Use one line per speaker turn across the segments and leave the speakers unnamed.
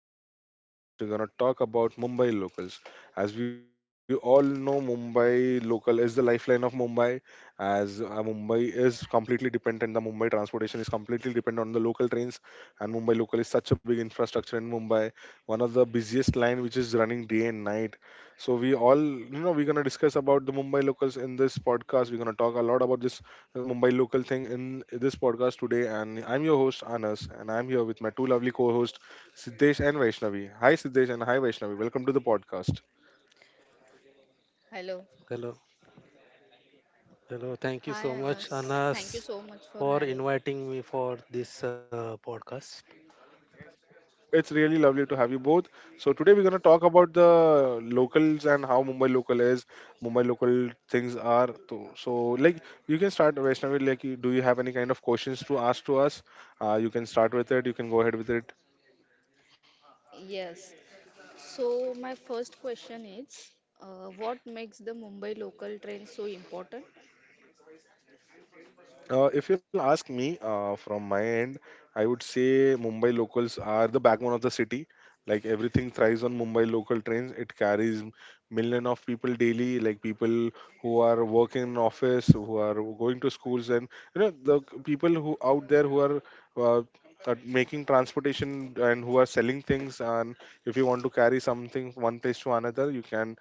the podcast. And in this podcast, we're gonna talk about Mumbai locals. As we all know, Mumbai local is the lifeline of Mumbai. As Mumbai is completely dependent, the Mumbai transportation is completely dependent on the local trains. And Mumbai local is such a big infrastructure in Mumbai, one of the busiest line which is running day and night. So we all, we're gonna discuss about the Mumbai locals in this podcast. We're gonna talk a lot about this Mumbai local thing in this podcast today. And I'm your host, Anas, and I'm here with my two lovely co hosts, Siddesh and Vaishnavi. Hi, Siddesh, and hi, Vaishnavi. Welcome to the podcast.
Hello, hello. Thank you so much, Anas, for inviting me for this podcast.
It's really lovely to have you both. So, today we're going to talk about the locals and how Mumbai local is, Mumbai local things are. So, like, you can start, Vaishnavi. Like, you- do you have any kind of questions to ask to us? You can start with it. You can go ahead with it. If you'll ask me, from my end, I would say Mumbai locals are the backbone of the city. Like everything thrives on Mumbai local trains. It carries million of people daily, like people who are working in office, who are going to schools, and people who out there who uh, are making transportation and who are selling things. And if you want to carry something from one place to another, you can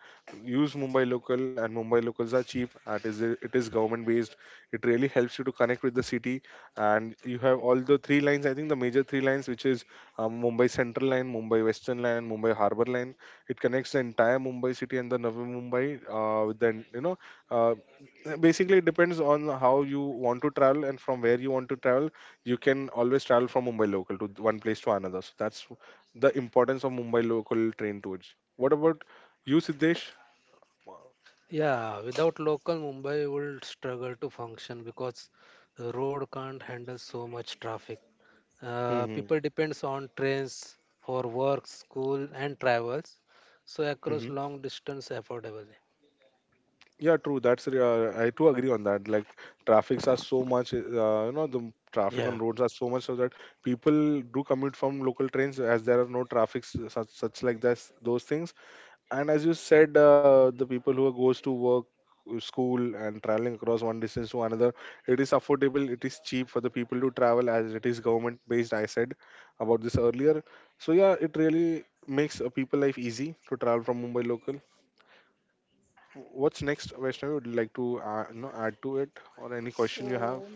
use Mumbai local, and Mumbai locals are cheap. It is government based. It really helps you to connect with the city, and you have all the three lines. I think the major three lines which is Mumbai Central Line, Mumbai Western Line, and Mumbai Harbor Line. It connects the entire Mumbai city and the Navi Mumbai, with the you know uh, basically. It depends on how you want to travel and from where you want to travel. You can always travel from Mumbai local to one place to another. So that's the importance of Mumbai local train tours. What about you, Siddesh?
Yeah, without local, Mumbai will struggle to function because the road can't handle so much traffic.
Hmm.
People depends on trains for work, school, and travels, so across long distance affordably.
Yeah, true. That's I too agree on that. Like traffics are so much, the traffic
Yeah.
on roads are so much so that people do commute from local trains as there are no traffics such like this those things. And as you said, the people who goes to work, school, and traveling across one distance to another, it is affordable. It is cheap for the people to travel as it is government based. I said about this earlier. So yeah, it really makes a people life easy to travel from Mumbai local. What's next, Vaishnavi? Would you like to add to it or any question you have?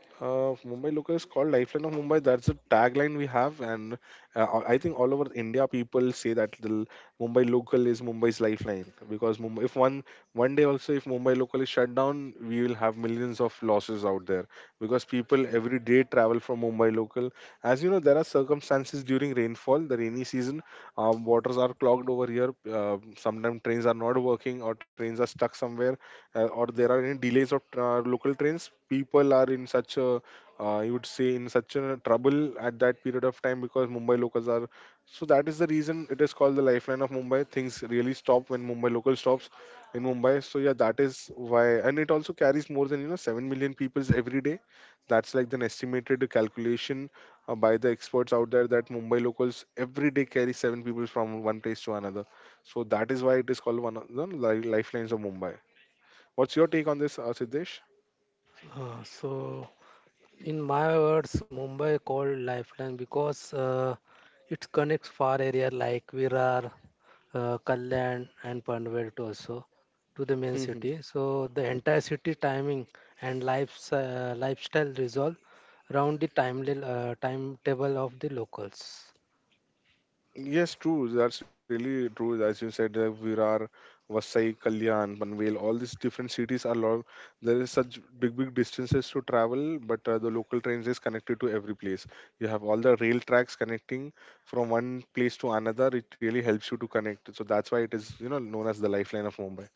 Mumbai local is called Lifeline of Mumbai. That's the tagline we have, and I think all over India people say that Mumbai local is Mumbai's lifeline because Mumbai, if one day also if Mumbai local is shut down, we will have millions of losses out there because people every day travel from Mumbai local. As you know, there are circumstances during rainfall, the rainy season, waters are clogged over here. Sometimes trains are not working or trains are stuck somewhere, or there are any delays of local trains. People are in such a, you would say, in such a trouble at that period of time because Mumbai locals are. So that is the reason it is called the lifeline of Mumbai. Things really stop when Mumbai local stops in Mumbai. So yeah, that is why. And it also carries more than, 7 million peoples every day. That's like an estimated calculation by the experts out there, that Mumbai locals every day carry 7 people from one place to another. So that is why it is called one of the lifelines of Mumbai. What's your take on this, Siddesh?
Uh, so, in my words, Mumbai called lifeline because it connects far area like Virar, Kalyan, and Panvel to also to the main
Mhm.
city. So the entire city timing and life, lifestyle resolve around the timely timetable of the locals.
Yes, true. That's really true. As you said, Virar, Vasai, Kalyan, Panvel, all these different cities are long. There is such big, big distances to travel, but the local trains is connected to every place. You have all the rail tracks connecting from one place to another. It really helps you to connect. So that's why it is known as the lifeline of Mumbai.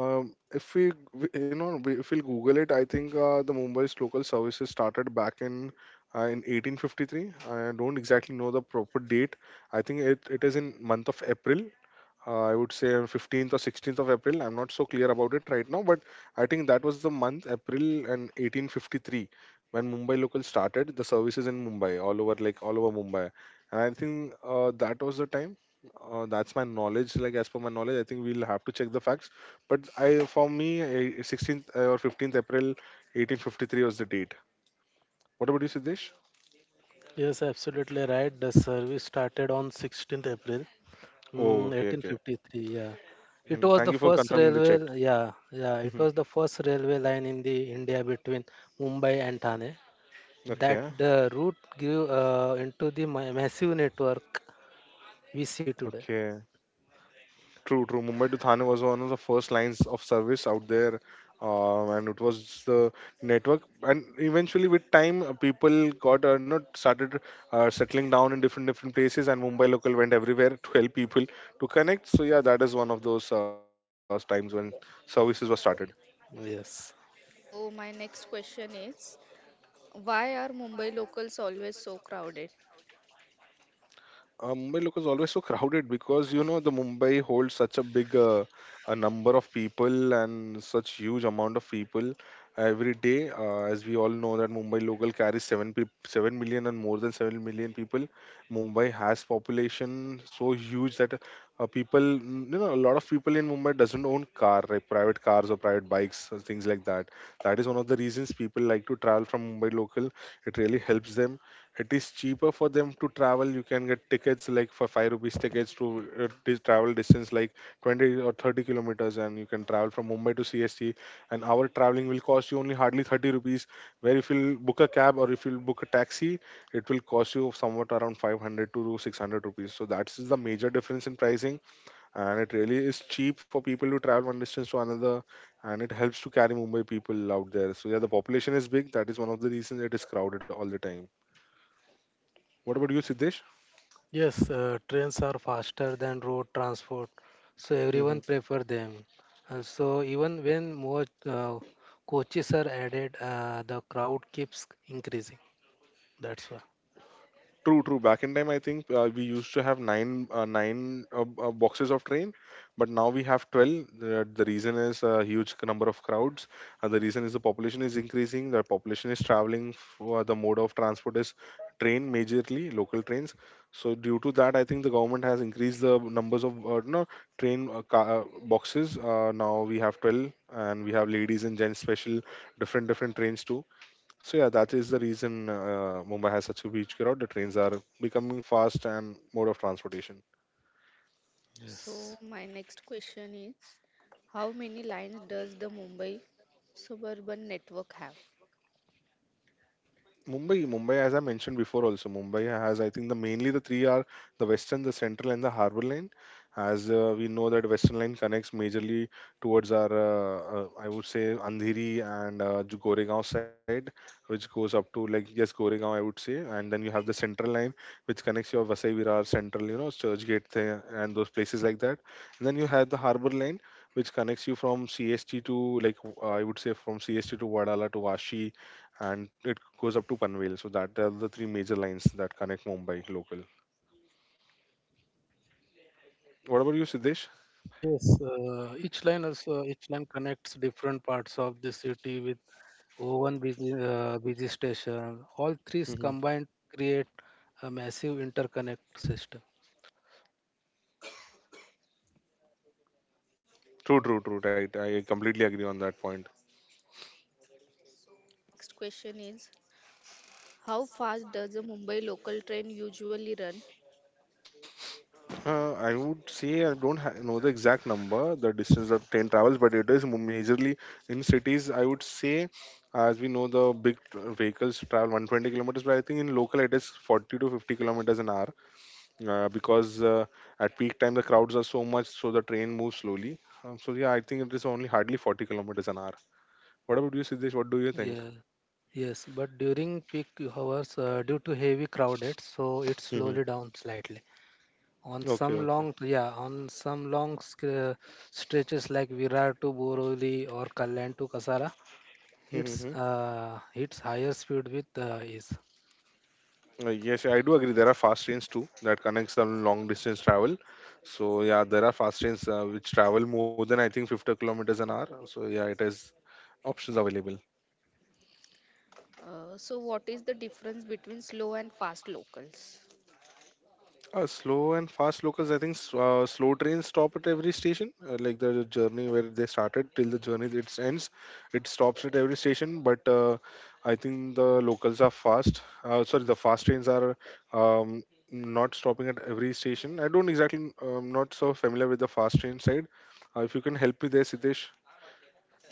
If we, we- you know, we- if we'll Google it, I think the Mumbai's local services started back in 1853. I don't exactly know the proper date. I think it is in month of April, I would say on 15th or 16th of April. I'm not so clear about it right now, but I think that was the month April and 1853 when Mumbai Local started the services in Mumbai, all over like all over Mumbai. And I think that was the time. That's my knowledge. Like as per my knowledge, I think we'll have to check the facts. But for me, 16th or 15th April 1853 was the date. What about you, Siddesh?
Yes, absolutely right. The service started on 16th April,
Oh,
mm,
okay, okay.
1853, yeah. It
Mm,
was
thank
the
you for
first
confirming the
railway,
check.
yeah, yeah. It
Mhm.
was the first railway line in the India between Mumbai and Thane. That
Okay,
route grew into the massive network we see today.
okay. True, true. Mumbai to Thane was one of the first lines of service out there, and it was the network. And eventually, with time, people got not started settling down in different different places, and Mumbai local went everywhere to help people to connect. So yeah, that is one of those times when services were started.
Yes,
Mumbai look is always so crowded because the Mumbai holds such a big, a number of people and such huge amount of people every day. As we all know that Mumbai local carries 7 million and more than 7 million people. Mumbai has population so huge that people mm, you know a lot of people in Mumbai doesn't own car like private cars or private bikes or things like that. That is one of the reasons people like to travel from Mumbai local. It really helps them. It is cheaper for them to travel. You can get tickets like for 5 rupees tickets to travel distance like 20 or 30 kilometers, and you can travel from Mumbai to CST, and our traveling will cost you only hardly 30 rupees. Where if you'll book a cab or if you'll book a taxi, it will cost you somewhat around 500 to 600 rupees. So that's the major difference in pricing, and it really is cheap for people to travel one distance to another, and it helps to carry Mumbai people out there. So yeah, the population is big. That is one of the reasons it is crowded all the time. What about you, Siddesh?
yes. Trains are faster than road transport, so
Hmm.
everyone prefer them. Also, even when more coaches are added, the crowd keeps increasing. That's why.
True, true. Back in time, I think we used to have nine boxes of train, but now we have 12. The reason is a huge number of crowds. The reason is the population is increasing. The population is traveling. For the mode of transport is train, majorly local trains. So due to that, I think the government has increased the numbers of no train boxes. Now we have 12, and we have ladies and gents special, different different trains too. So yeah, that is the reason Mumbai has such a huge crowd. The trains are becoming fast and mode of transportation.
Yes.
Mumbai, as I mentioned before, also Mumbai has, I think, the mainly the three are the Western, the Central, and the Harbour Line. As we know that Western Line connects majorly towards our, I would say, Andheri and Goregaon side, which goes up to like yes, Goregaon, I would say, and then you have the Central Line, which connects your Vasai Virar Central, Churchgate there and those places like that. And then you have the Harbour Line, which connects you from CST to I would say, from CST to Wadala to Vashi, and it goes up to Panvel. So that are the three major lines that connect Mumbai local. What about you, Siddesh?
Yes, each line connects different parts of the city with one busy busy station. All three
Hmm.
combined create a massive interconnect system.
True, true, true. Right. I completely agree on that point. I would say I don't know the exact number, the distance that train travels, but it is majorly in cities. I would say, as we know, the big vehicles travel 120 kilometers, but I think in local it is 40 to 50 kilometers an hour, because at peak time the crowds are so much, so the train moves slowly. So yeah, I think it is only hardly 40 kilometers an hour. What about you, Siddesh? What do you think?
Yeah, yes, but during peak hours, due to heavy crowded, so it
Mhm.
slowly down slightly.
Okay, okay.
On some long stretches like Virar to Borivali or Kalyan to Kasara, it's
Mhm.
hits higher speed with ease.
Uh, Yes, I do agree. There are fast trains too that connect some long distance travel. So yeah, there are fast trains which travel more than I think 50 kilometers an hour. So yeah, it has options available. Slow and fast locals, I think slow trains stop at every station. Like the journey where they started till the journey it ends, it stops at every station. But I think the locals are fast. Sorry, the fast trains are um, not stopping at every station. I don't exactly, I'm not so familiar with the fast train side. If you can help me there, Siddesh.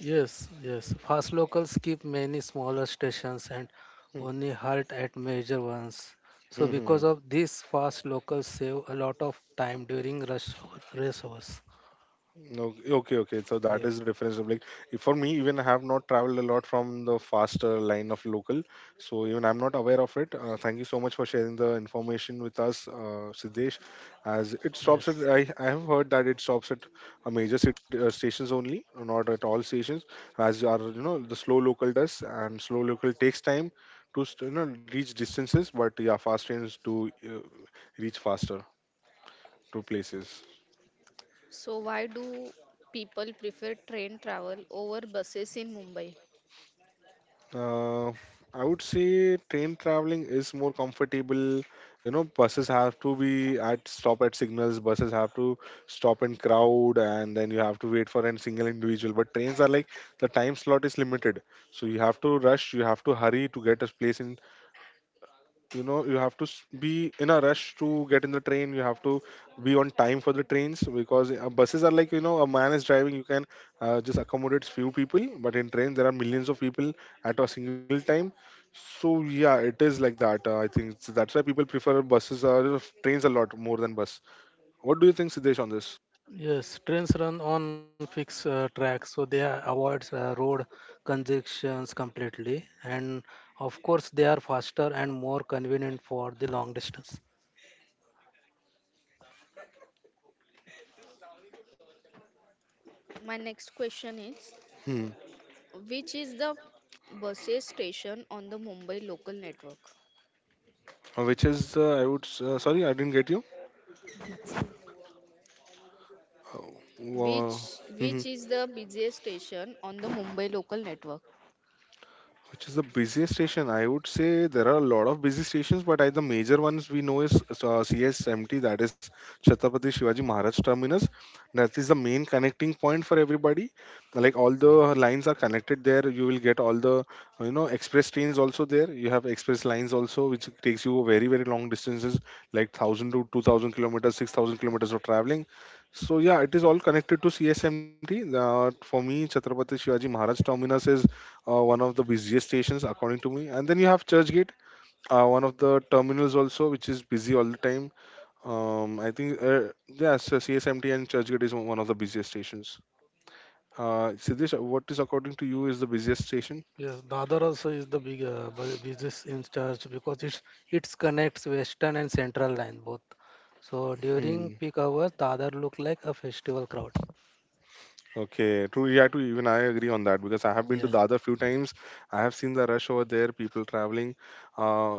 Yes, yes. Fast locals skip many smaller stations and only halt at major ones. So because
Hmm.
of this, fast locals save a lot of time during rush hour, race hours.
No, okay, okay. So that
Yeah,
is the difference of like if for me, even I have not traveled a lot from the faster line of local, so even I'm not aware of it. Thank you so much for sharing the information with us, Siddesh. As it stops at,
yes.
I have heard that it stops at a major city, stations only, not at all stations, as are you know the slow local does, and slow local takes time to you know reach distances, but yeah, fast trains do reach faster to places. Uh, I would say train traveling is more comfortable. You know, buses have to be at stop at signals. Buses have to stop in crowd, and then you have to wait for a single individual. But trains are like the time slot is limited, so you have to rush. You have to hurry to get a place in you know you have to be in a rush to get in the train. You have to be on time for the trains because buses are like you know a man is driving. You can just accommodate few people, but in trains there are millions of people at a single time. So yeah, it is like that. I think that's why people prefer buses or trains a lot more than bus. What do you think, Siddesh, on this?
Yes, trains run on fixed tracks, so they are- avoid road congestions completely. And of course, they are faster and more convenient for the long distance.
Hmm. Which is I would s- Sorry, I didn't get you. uh, uh, mhm. Which is the busiest station? I would say there are a lot of busy stations, but I, the major ones we know is CSMT, that is Chhatrapati Shivaji Maharaj Terminus. That is the main connecting point for everybody. Like all the lines are connected there. You will get all the you know express trains also there. You have express lines also, which takes you very very long distances, like 1,000 to 2,000 kilometers, 6,000 kilometers of traveling. So yeah, it is all connected to CSMT. For me, Chhatrapati Shivaji Maharaj Terminus is one of the busiest stations according to me, and then you have Churchgate, one of the terminals also, which is busy all the time. I think yes, so CSMT and Churchgate is one of the busiest stations. Siddesh, what is according to you is the busiest station?
Yes, Dadar also is the big business in charge because it's connects western and central line both. So during
Hmm.
peak hours, Dadar look like a festival crowd.
Okay, true. Yeah, too. Even I agree on that because I have been to
Yeah,
Dadar few times. I have seen the rush over there. People traveling uh,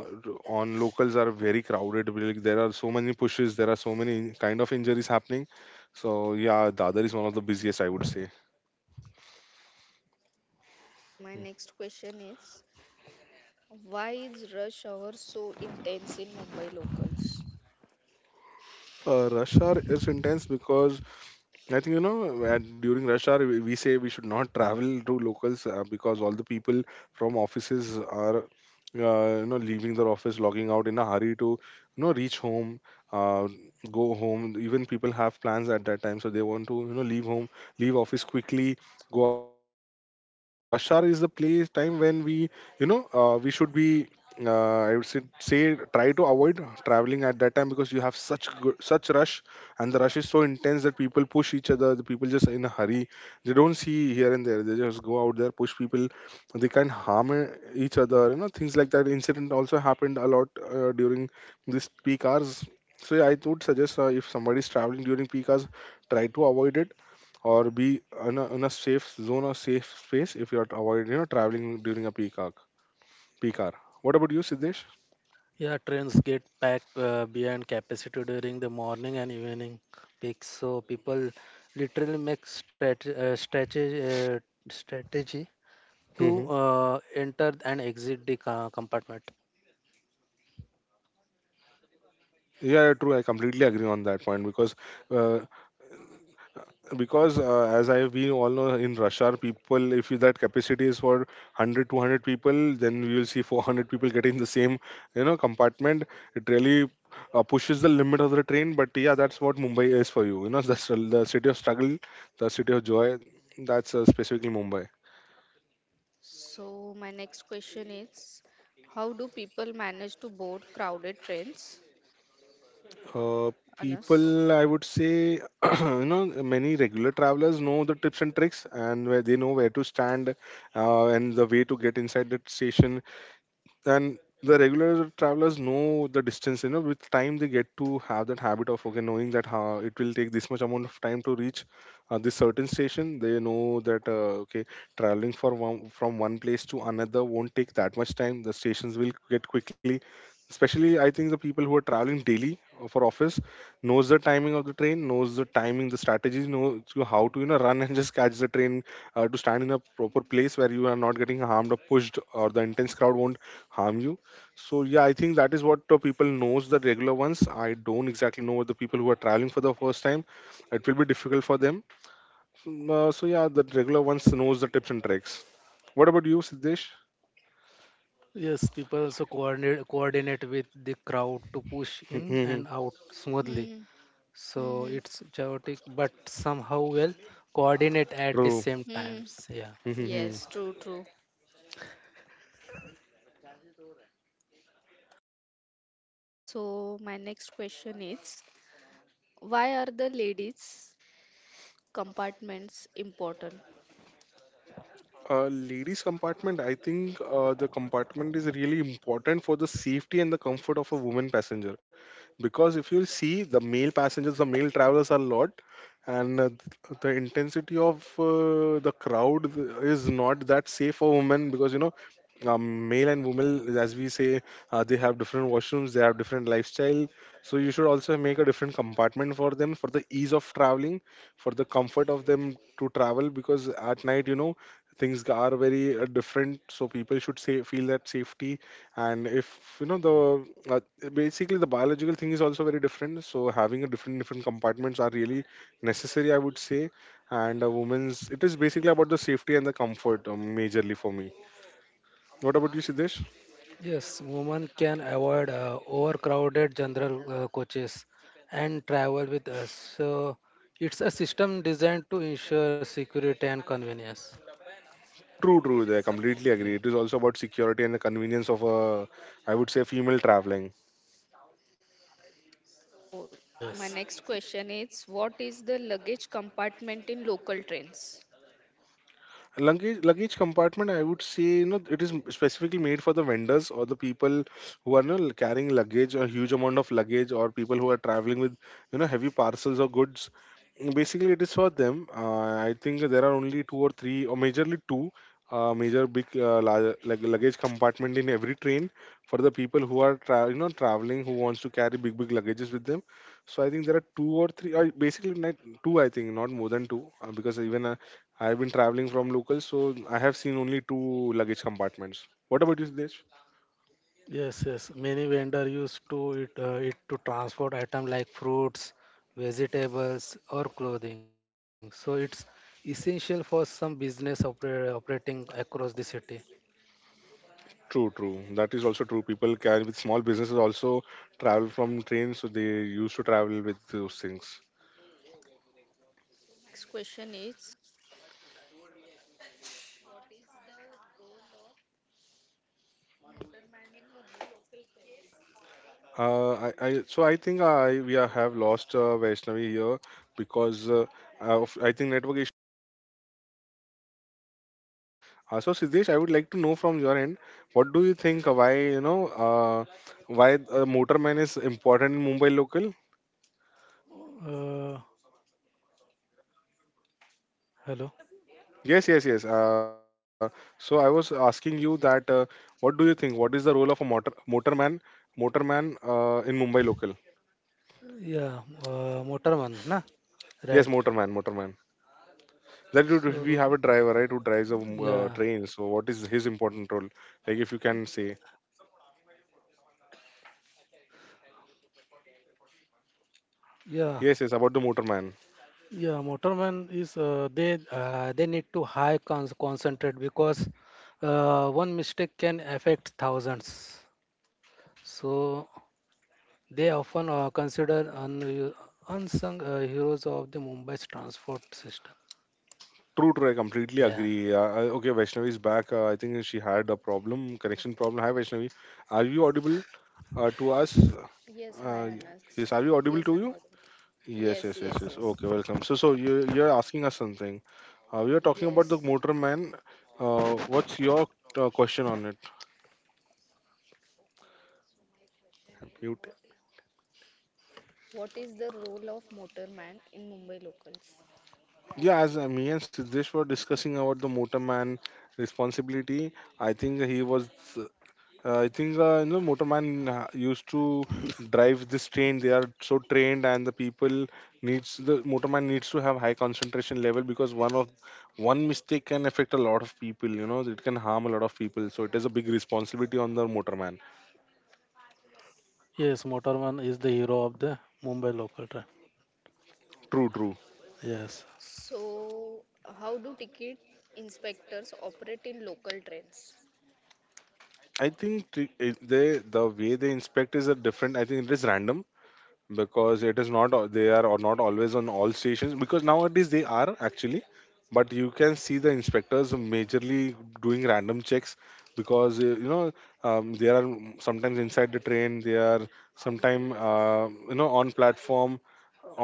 on locals are very crowded. Really, like, there are so many pushes. There are so many kind of injuries happening. So yeah, Dadar is one of the busiest, I would say. Rush hour is intense because I think you know at, during rush hour we say we should not travel to locals because all the people from offices are you know leaving their office, logging out in a hurry to you know reach home, uh, go home. Even people have plans at that time, so they want to you know leave home, leave office quickly, go out their party. So rush hour is the place time when we you know we should be. I would say, say try to avoid traveling at that time because you have such good, such rush, and the rush is so intense that people push each other. The people just in a hurry, they don't see here and there, they just go out there, push people. They can harm each other, you know, things like that incident also happened a lot during these peak hours. So yeah, I would suggest if somebody is traveling during peak hours, try to avoid it or be in a safe zone or safe space if you're avoiding you know traveling during a peak hour, peak hour. What about you, Siddesh?
yeah, trains get packed beyond capacity during the morning and evening peaks. So people literally make strategy to
Hmm.
enter and exit the compartment.
Yeah, yeah, true. I completely agree on that point because uh, as I we all know in rush hour people, if that capacity is for one hundred two hundred people, then we will see 400 people getting the same you know compartment. It really pushes the limit of the train. But yeah, that's what Mumbai is for you, you know, that's the the city of struggle, the city of joy. That's specifically Mumbai. uh, People, I would say, you know many regular travelers know the tips and tricks and where they know where to stand, and the way to get inside the station, and the regular travelers know the distance, you know, with time they get to have that habit of okay, knowing that how it will take this much amount of time to reach this certain station. They know that okay, traveling for one, from one place to another won't take that much time, the stations will get quickly, especially I think the people who are traveling daily for office, knows the timing of the train, knows the timing, the strategies, knows to how to you know run and just catch the train, to stand in a proper place where you are not getting harmed or pushed, or the intense crowd won't harm you. So yeah, I think that is what the people knows, the regular ones. I don't exactly know what the people who are traveling for the first time, it will be difficult for them. Mm, so yeah, the regular ones knows the tips and tricks. What about you, Siddesh?
Yes, people also coordinate with the crowd to push in and out smoothly. So it's chaotic, but somehow well coordinate at the same times. Yeah.
True. Ladies compartment, I think the compartment is really important for the safety and the comfort of a woman passenger. Because if you see, the male passengers, the male travelers are lot, and the intensity of the crowd is not that safe for women because you know, male and women, as we say, they have different washrooms, they have different lifestyle. So you should also make a different compartment for them for the ease of traveling, for the comfort of them to travel because at night, you know things are very different, so people should say feel that safety. And if you know the uh, basically the biological thing is also very different, so having a different different compartments are really necessary, I would say. And a woman's, it is basically about the safety and the comfort, majorly for me. What about you, Sidesh?
Yes, women can avoid overcrowded general coaches and travel with us. So it's a system designed to ensure security and convenience.
True, true, I completely
Yeah.
agree. It is also about security and the convenience of a, I would say, female traveling.
Yes.
Luggage, luggage compartment, I would say, you know, it is specifically made for the vendors or the people who are you know carrying luggage or huge amount of luggage, or people who are traveling with you know heavy parcels or goods. Mm, basically it is for them. I think there are only two or three, or majorly two major big large, like luggage compartment in every train for the people who are you know traveling, who wants to carry big big luggages with them. So I think there are two or three, or basically not two, I think not more than two, because even I've been traveling from locals, so I have seen only two luggage compartments. What about you, Siddhesh?
Yes, yes. Many vendor used to it, it to transport item like fruits, vegetables, or clothing. So it's essential for some business operating across the city.
True, true. That is also true. People carry with small businesses also travel from trains, so they used to travel with those things. I so I think I we are, have lost Vaishnavi here because of I think network issue. So Siddesh, I would like to know from your end, what do you think? Why you know why motorman is important in Mumbai local?
Uh, hello.
Yes, yes, yes. So I was asking you that what do you think? What is the role of a motorman, motorman in Mumbai local?
Yeah, motorman, na?
Yes,
Right.
motorman, motorman. That would- we
So
have a driver, right, who drives a
yeah,
train. So what is his important role? Like if you can say.
yeah.
Yes, yes, about the motorman.
Yeah, motorman is they need to high concentrate because one mistake can affect thousands. So they often are considered unsung heroes of the Mumbai's transport system.
True, true. I completely
Yeah.
agree. Okay, Vaishnavi is back. I think she had a problem, connection problem. Hi, Vaishnavi. Are you audible to us?
Yes, hi
Uh,
Anas.
yes, are you audible
Yes, I'm
to you?
audible.
Yes,
Yes,
yes,
yes,
yes, yes.
yes.
Okay, welcome. So you're asking us something. We are talking about the
Yes.
Motorman. What's your question on it? You t-
What is the role of motorman in Mumbai locals?
yeah, as me and Siddesh were discussing about the Motorman responsibility, I think he was I think you know motorman used to drive this train. They are so trained, and the motorman needs to have high concentration level because one mistake can affect a lot of people. You know, it can harm a lot of people. So it is a big responsibility on the motorman.
Yes, Motorman is the hero of the Mumbai local train.
True, true.
Yes.
So, how do ticket inspectors operate in local trains?
I think t- it- they the way they inspect is a different. I think it is random, because it is not al- they are or not always on all stations because nowadays they are actually, but you can see the inspectors majorly doing random checks because you know they are sometimes inside the train, they are sometime you know on platform,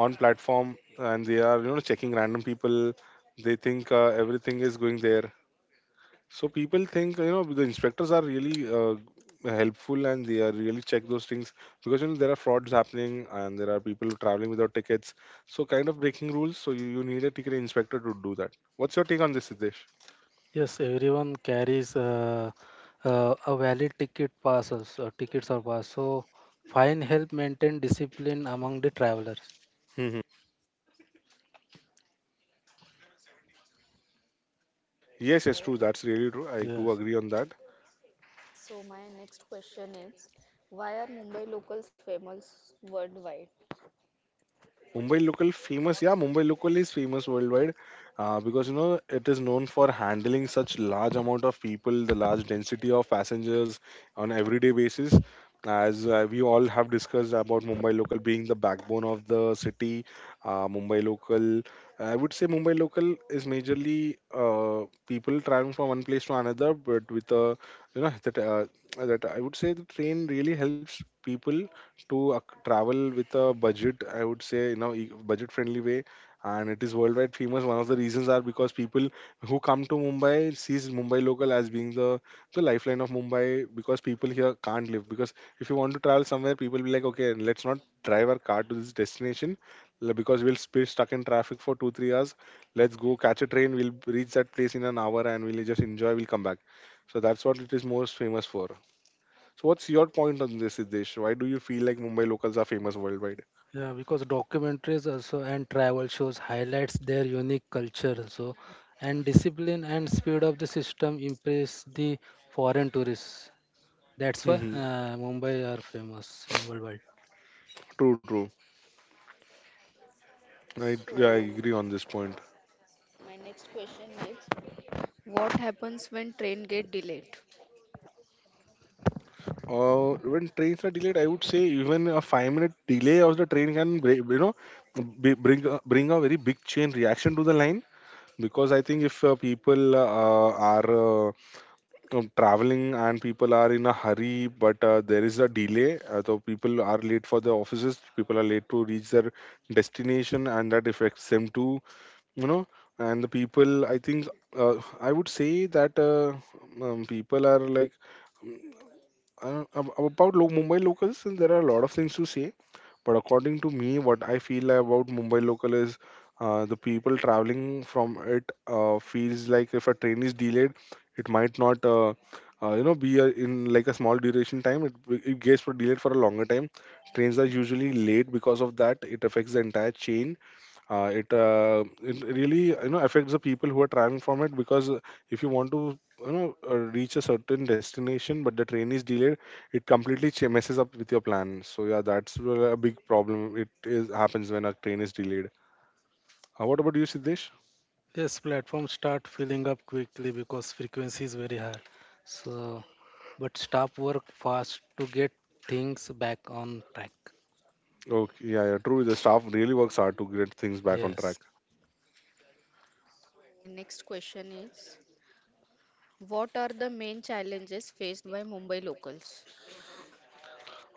on platform, and they are you know checking random people. They think everything is going there, so people think, you know, the inspectors are really helpful and they are really check those things because you know there are frauds happening and there are people traveling without tickets. So kind of breaking rules. So you need a ticket inspector to do that. What's your take on this, Siddesh?
Yes, everyone carries a valid ticket passes, tickets or pass. So fine help maintain discipline among the travelers.
Hmm. Yes, yes,
So,
true. That's really true. I do agree on that.
so, my next question is, why are Mumbai locals famous worldwide?
Mumbai local famous, yeah, Mumbai local is famous worldwide because you know it is known for handling such large amount of people, the large density of passengers on everyday basis. As we all have discussed about Mumbai local being the backbone of the city, Mumbai local, I would say Mumbai local is majorly people traveling from one place to another, but with a you know that I would say the train really helps people travel with a budget, I would say, you know, budget-friendly way, and it is worldwide famous. One of the reasons are because people who come to Mumbai sees Mumbai local as being the lifeline of Mumbai because people here can't live. Because if you want to travel somewhere, people be like, okay, let's not drive our car to this destination because we'll be stuck in traffic for 2 3 hours. Let's go catch a train. We'll reach that place in an hour and we'll just enjoy. We'll come back. So that's what it is most famous for. So what's your point on this, Siddesh? Why do you feel like Mumbai locals are famous worldwide?
Yeah, because documentaries also and travel shows highlights their unique culture so and discipline and speed of the system impress the foreign tourists. That's why
Mhm.
Mumbai are famous in worldwide.
True, true. I, yeah, I
So,
agree on this point.
my next question is, what happens when train get delayed?
When trains are delayed, I would say even a 5 minute delay of the train can you know bring a very big chain reaction to the line because I think if people are traveling and people are in a hurry, but there is a delay, so people are late for the offices, people are late to reach their destination, and that affects them too, you know. And the people I think, I would say that people are like Mumbai locals, and there are a lot of things to say, but according to me what I feel about Mumbai local is, the people traveling from it feels like if a train is delayed it might not you know be a, in like a small duration time, it gets for delayed for a longer time. Trains are usually late because of that it affects the entire chain. It really you know affects the people who are traveling from it because if you want to you know reach a certain destination but the train is delayed, it completely messes up with your plan. So yeah, that's where a big problem it is happens when a train is delayed. What about you, Siddesh?
Yes, platforms start filling up quickly because frequency is very high. So, but staff work fast to get things back on track.
Okay, yeah, yeah, true. The staff really works hard to get things back on track.
Yes.
My next question is, what are the main challenges faced by Mumbai locals?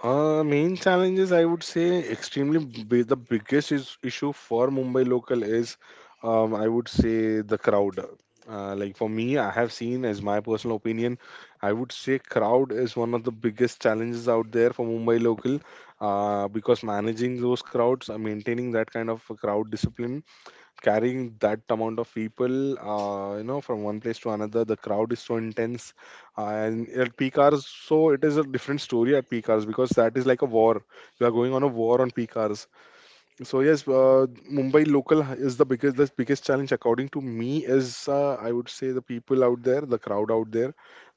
Main challenges I would say extremely the biggest is issue for Mumbai local is I would say the crowd. Like for me, I have seen as my personal opinion, I would say crowd is one of the biggest challenges out there for Mumbai local because managing those crowds, maintaining that kind of a crowd discipline, carrying that amount of people, you know, from one place to another. The crowd is so intense, and at peak hours, so it is a different story at peak hours because that is like a war. You are going on a war on peak hours. So yes, Mumbai local is the biggest challenge according to me is, I would say the people out there, the crowd out there,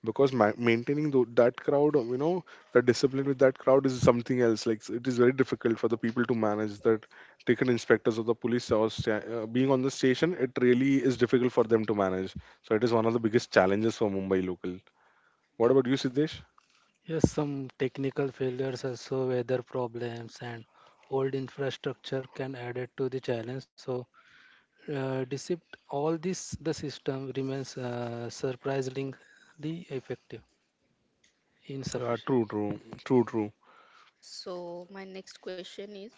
because ma maintaining tho that crowd, you know, the discipline with that crowd is something else. Like it is very difficult for the people to manage that ticket inspectors or the police or sta being on the station. It really is difficult for them to manage. So it is one of the biggest challenges for Mumbai local. What about you, Siddesh?
Yes, some technical failures, also weather problems and old infrastructure can add it to the challenge. So, despite all this, the system remains surprisingly effective, insufficient.
True, true, true, true.
So my next question is,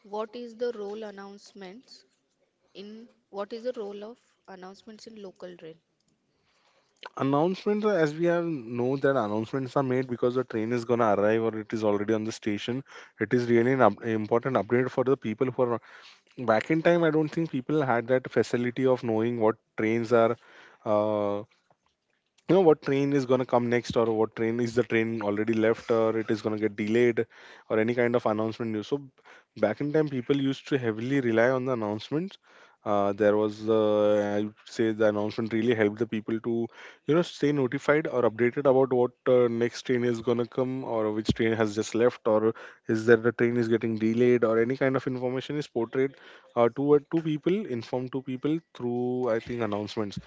what is the role announcements what is the role of announcements in local train?
Announcements as we have known that announcements are made because the train is going to arrive or it is already on the station, it is really an important update for the people who are back in time. I don't think people had that facility of knowing what trains are, uh, you know what train is going to come next, or what train is the train already left, or it is going to get delayed, or any kind of announcement news. Back in time people used to heavily rely on the announcements. There was I would say the announcement really helped the people to you know stay notified or updated about what next train is going to come or which train has just left or is there the train is getting delayed or any kind of information is portrayed to people, informed to people through, I think, announcements.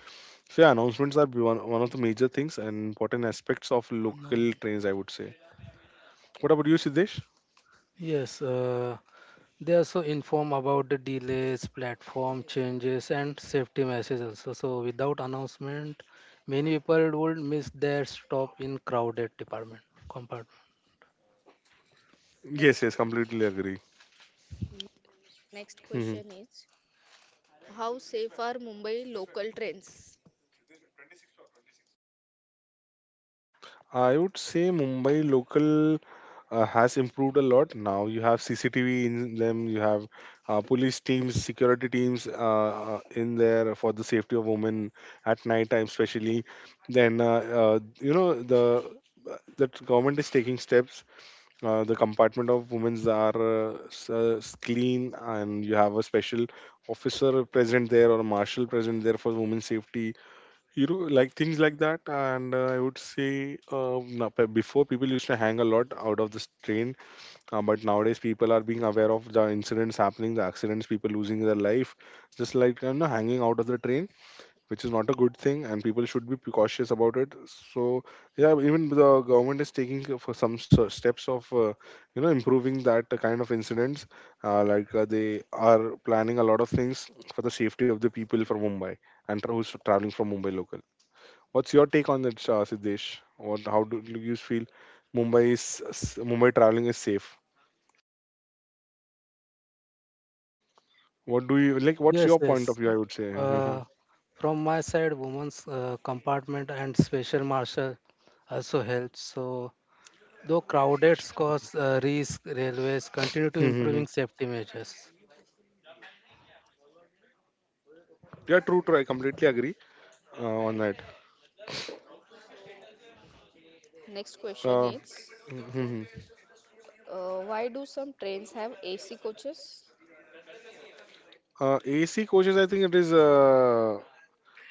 So yeah, announcements are one of the major things and important aspects of
Um,
local trains, I would say. What about you, Siddesh?
yes, they also inform about the delays, platform changes, and safety messages also. So, without announcement, many people would miss their stop in crowded department compartment.
My
Yes,
next
yes, completely agree. Mhm.
question is, how safe are Mumbai local trains?
I would say Mumbai local has improved a lot. Now you have CCTV in them, you have police teams, security teams in there for the safety of women at night time, especially. Then You know the government is taking steps. The compartment of women's are clean, and you have a special officer present there or a marshal present there for women's safety. You know, like things like that. And I would say, now, before people used to hang a lot out of the train, but nowadays people are being aware of the incidents happening, the accidents, people losing their life, just like you know, hanging out of the train, which is not a good thing and people should be cautious about it. So yeah, even the government is taking for some steps of you know improving that kind of incidents. They are planning a lot of things for the safety of the people from Mumbai and who's traveling from Mumbai local. What's your take on that, Siddesh? What, how do you feel Mumbai is Mumbai traveling is safe? What do you like, what's
Yes,
your point of
yes.
view, I would say?
Uh, from my side, women's compartment and special marshal also helps. So, though crowded cause risk, railways continue to improving safety measures.
Yeah, true, true, I completely agree on that.
Next
Uh,
question is,
mhm.
why do some trains have AC coaches?
AC coaches, I think it is.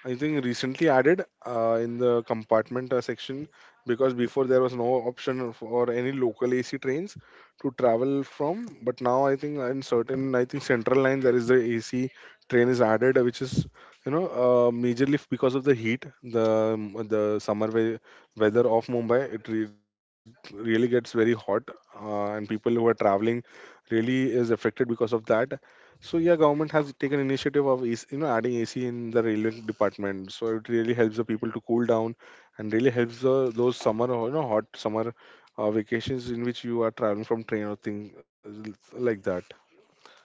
I think recently added in the compartment section because before there was no option for any local AC trains to travel from. But now I think in certain, I think central line there is the AC train is added, which is you know majorly because of the heat, the summer weather of Mumbai. It really gets very hot, and people who are traveling really is affected because of that. So yeah, government has taken initiative of AC, you know adding AC in the railway department. So it really helps the people to cool down, and really helps the those summer or you know hot summer vacations in which you are traveling from train or thing like that.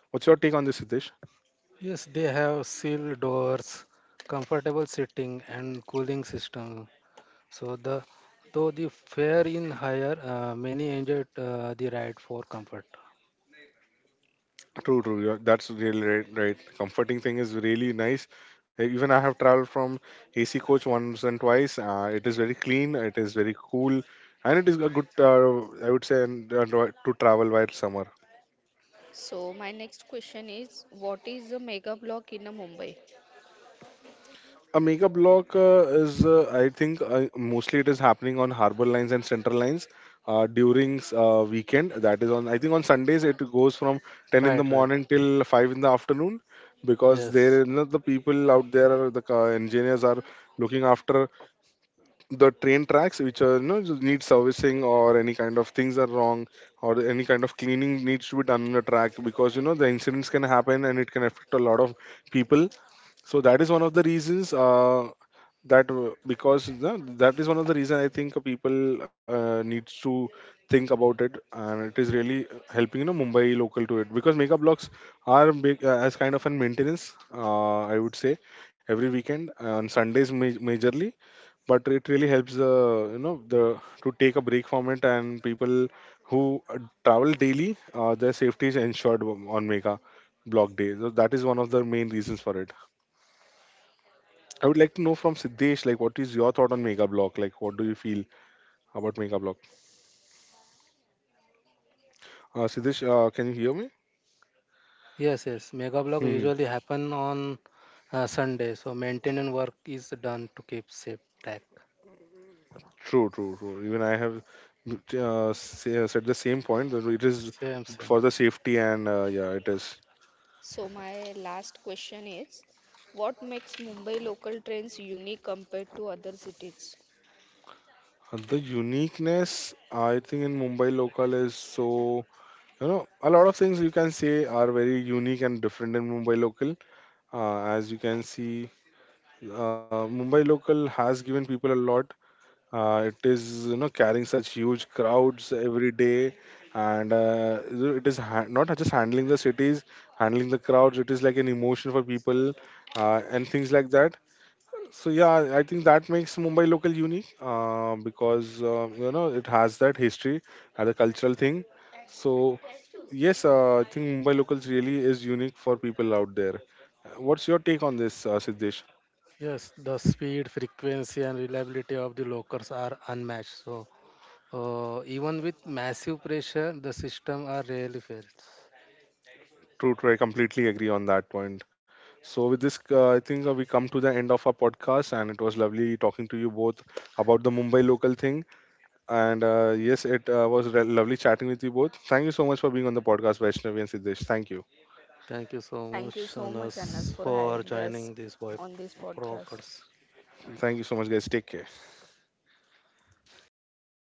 What's your take on this, Siddesh?
Yes, they have sealed doors, comfortable sitting, and cooling system. So the though the fare in higher, many enjoyed the ride for comfort.
True, true. Yeah, that's really right, right. Comforting thing is really nice. Even I have traveled from AC coach once and twice. It is very clean. It is very cool, and it is a good. I would say and to travel while summer.
So my next question is, what is the mega block in a Mumbai?
A mega block I think, mostly it is happening on harbour lines and central lines during weekend. That is on, I think, on Sundays it goes from 10 in the
Right, right.
morning till 5 in the afternoon because
Yes.
there, you know, the people out there, the engineers are looking after the train tracks which are you know just need servicing or any kind of things are wrong or any kind of cleaning needs to be done on the track because you know the incidents can happen and it can affect a lot of people. So that is one of the reasons, that because the, that is one of the reason I think people needs to think about it, and it is really helping you know Mumbai local to it because mega blocks are big as kind of a maintenance, I would say, every weekend on Sundays majorly. But it really helps the you know the to take a break from it, and people who travel daily, their safety is ensured on mega block day. So that is one of the main reasons for it. I would like to know from Siddesh like what is your thought on mega block, like what do you feel about mega block, Siddesh, can you hear me?
Yes, yes. Mega block
Hmm.
usually happen on Sunday, so maintenance work is done to keep safe track.
True, true, true. Even I have said the same point that it is
Same, same.
for the safety, and yeah, it is.
So my last question is, what makes Mumbai local trains unique compared to other cities?
The uniqueness I think in Mumbai local is so, you know, a lot of things you can say are very unique and different in Mumbai local. As you can see, Mumbai local has given people a lot. It is you know carrying such huge crowds every day, and it is not just handling the cities, handling the crowds, it is like an emotion for people and things like that. So yeah, I think that makes Mumbai local unique because you know it has that history and the cultural thing. So yes, I think Mumbai locals really is unique for people out there. What's your take on this, Siddesh?
Yes, the speed, frequency, and reliability of the lockers are unmatched. So even with massive pressure, the system are rarely fails.
True, true. I completely agree on that point. So with this, I think we come to the end of our podcast, and it was lovely talking to you both about the Mumbai local thing. And yes, it was lovely chatting with you both. Thank you so much for being on the podcast, Vaishnavi and Siddesh. Thank you.
Thank you so
Thank you
much,
so much, Anas,
Anas,
for
for
having us
joining this boy
on this podcast.
podcast.
Thank you so much, guys. Take care. God.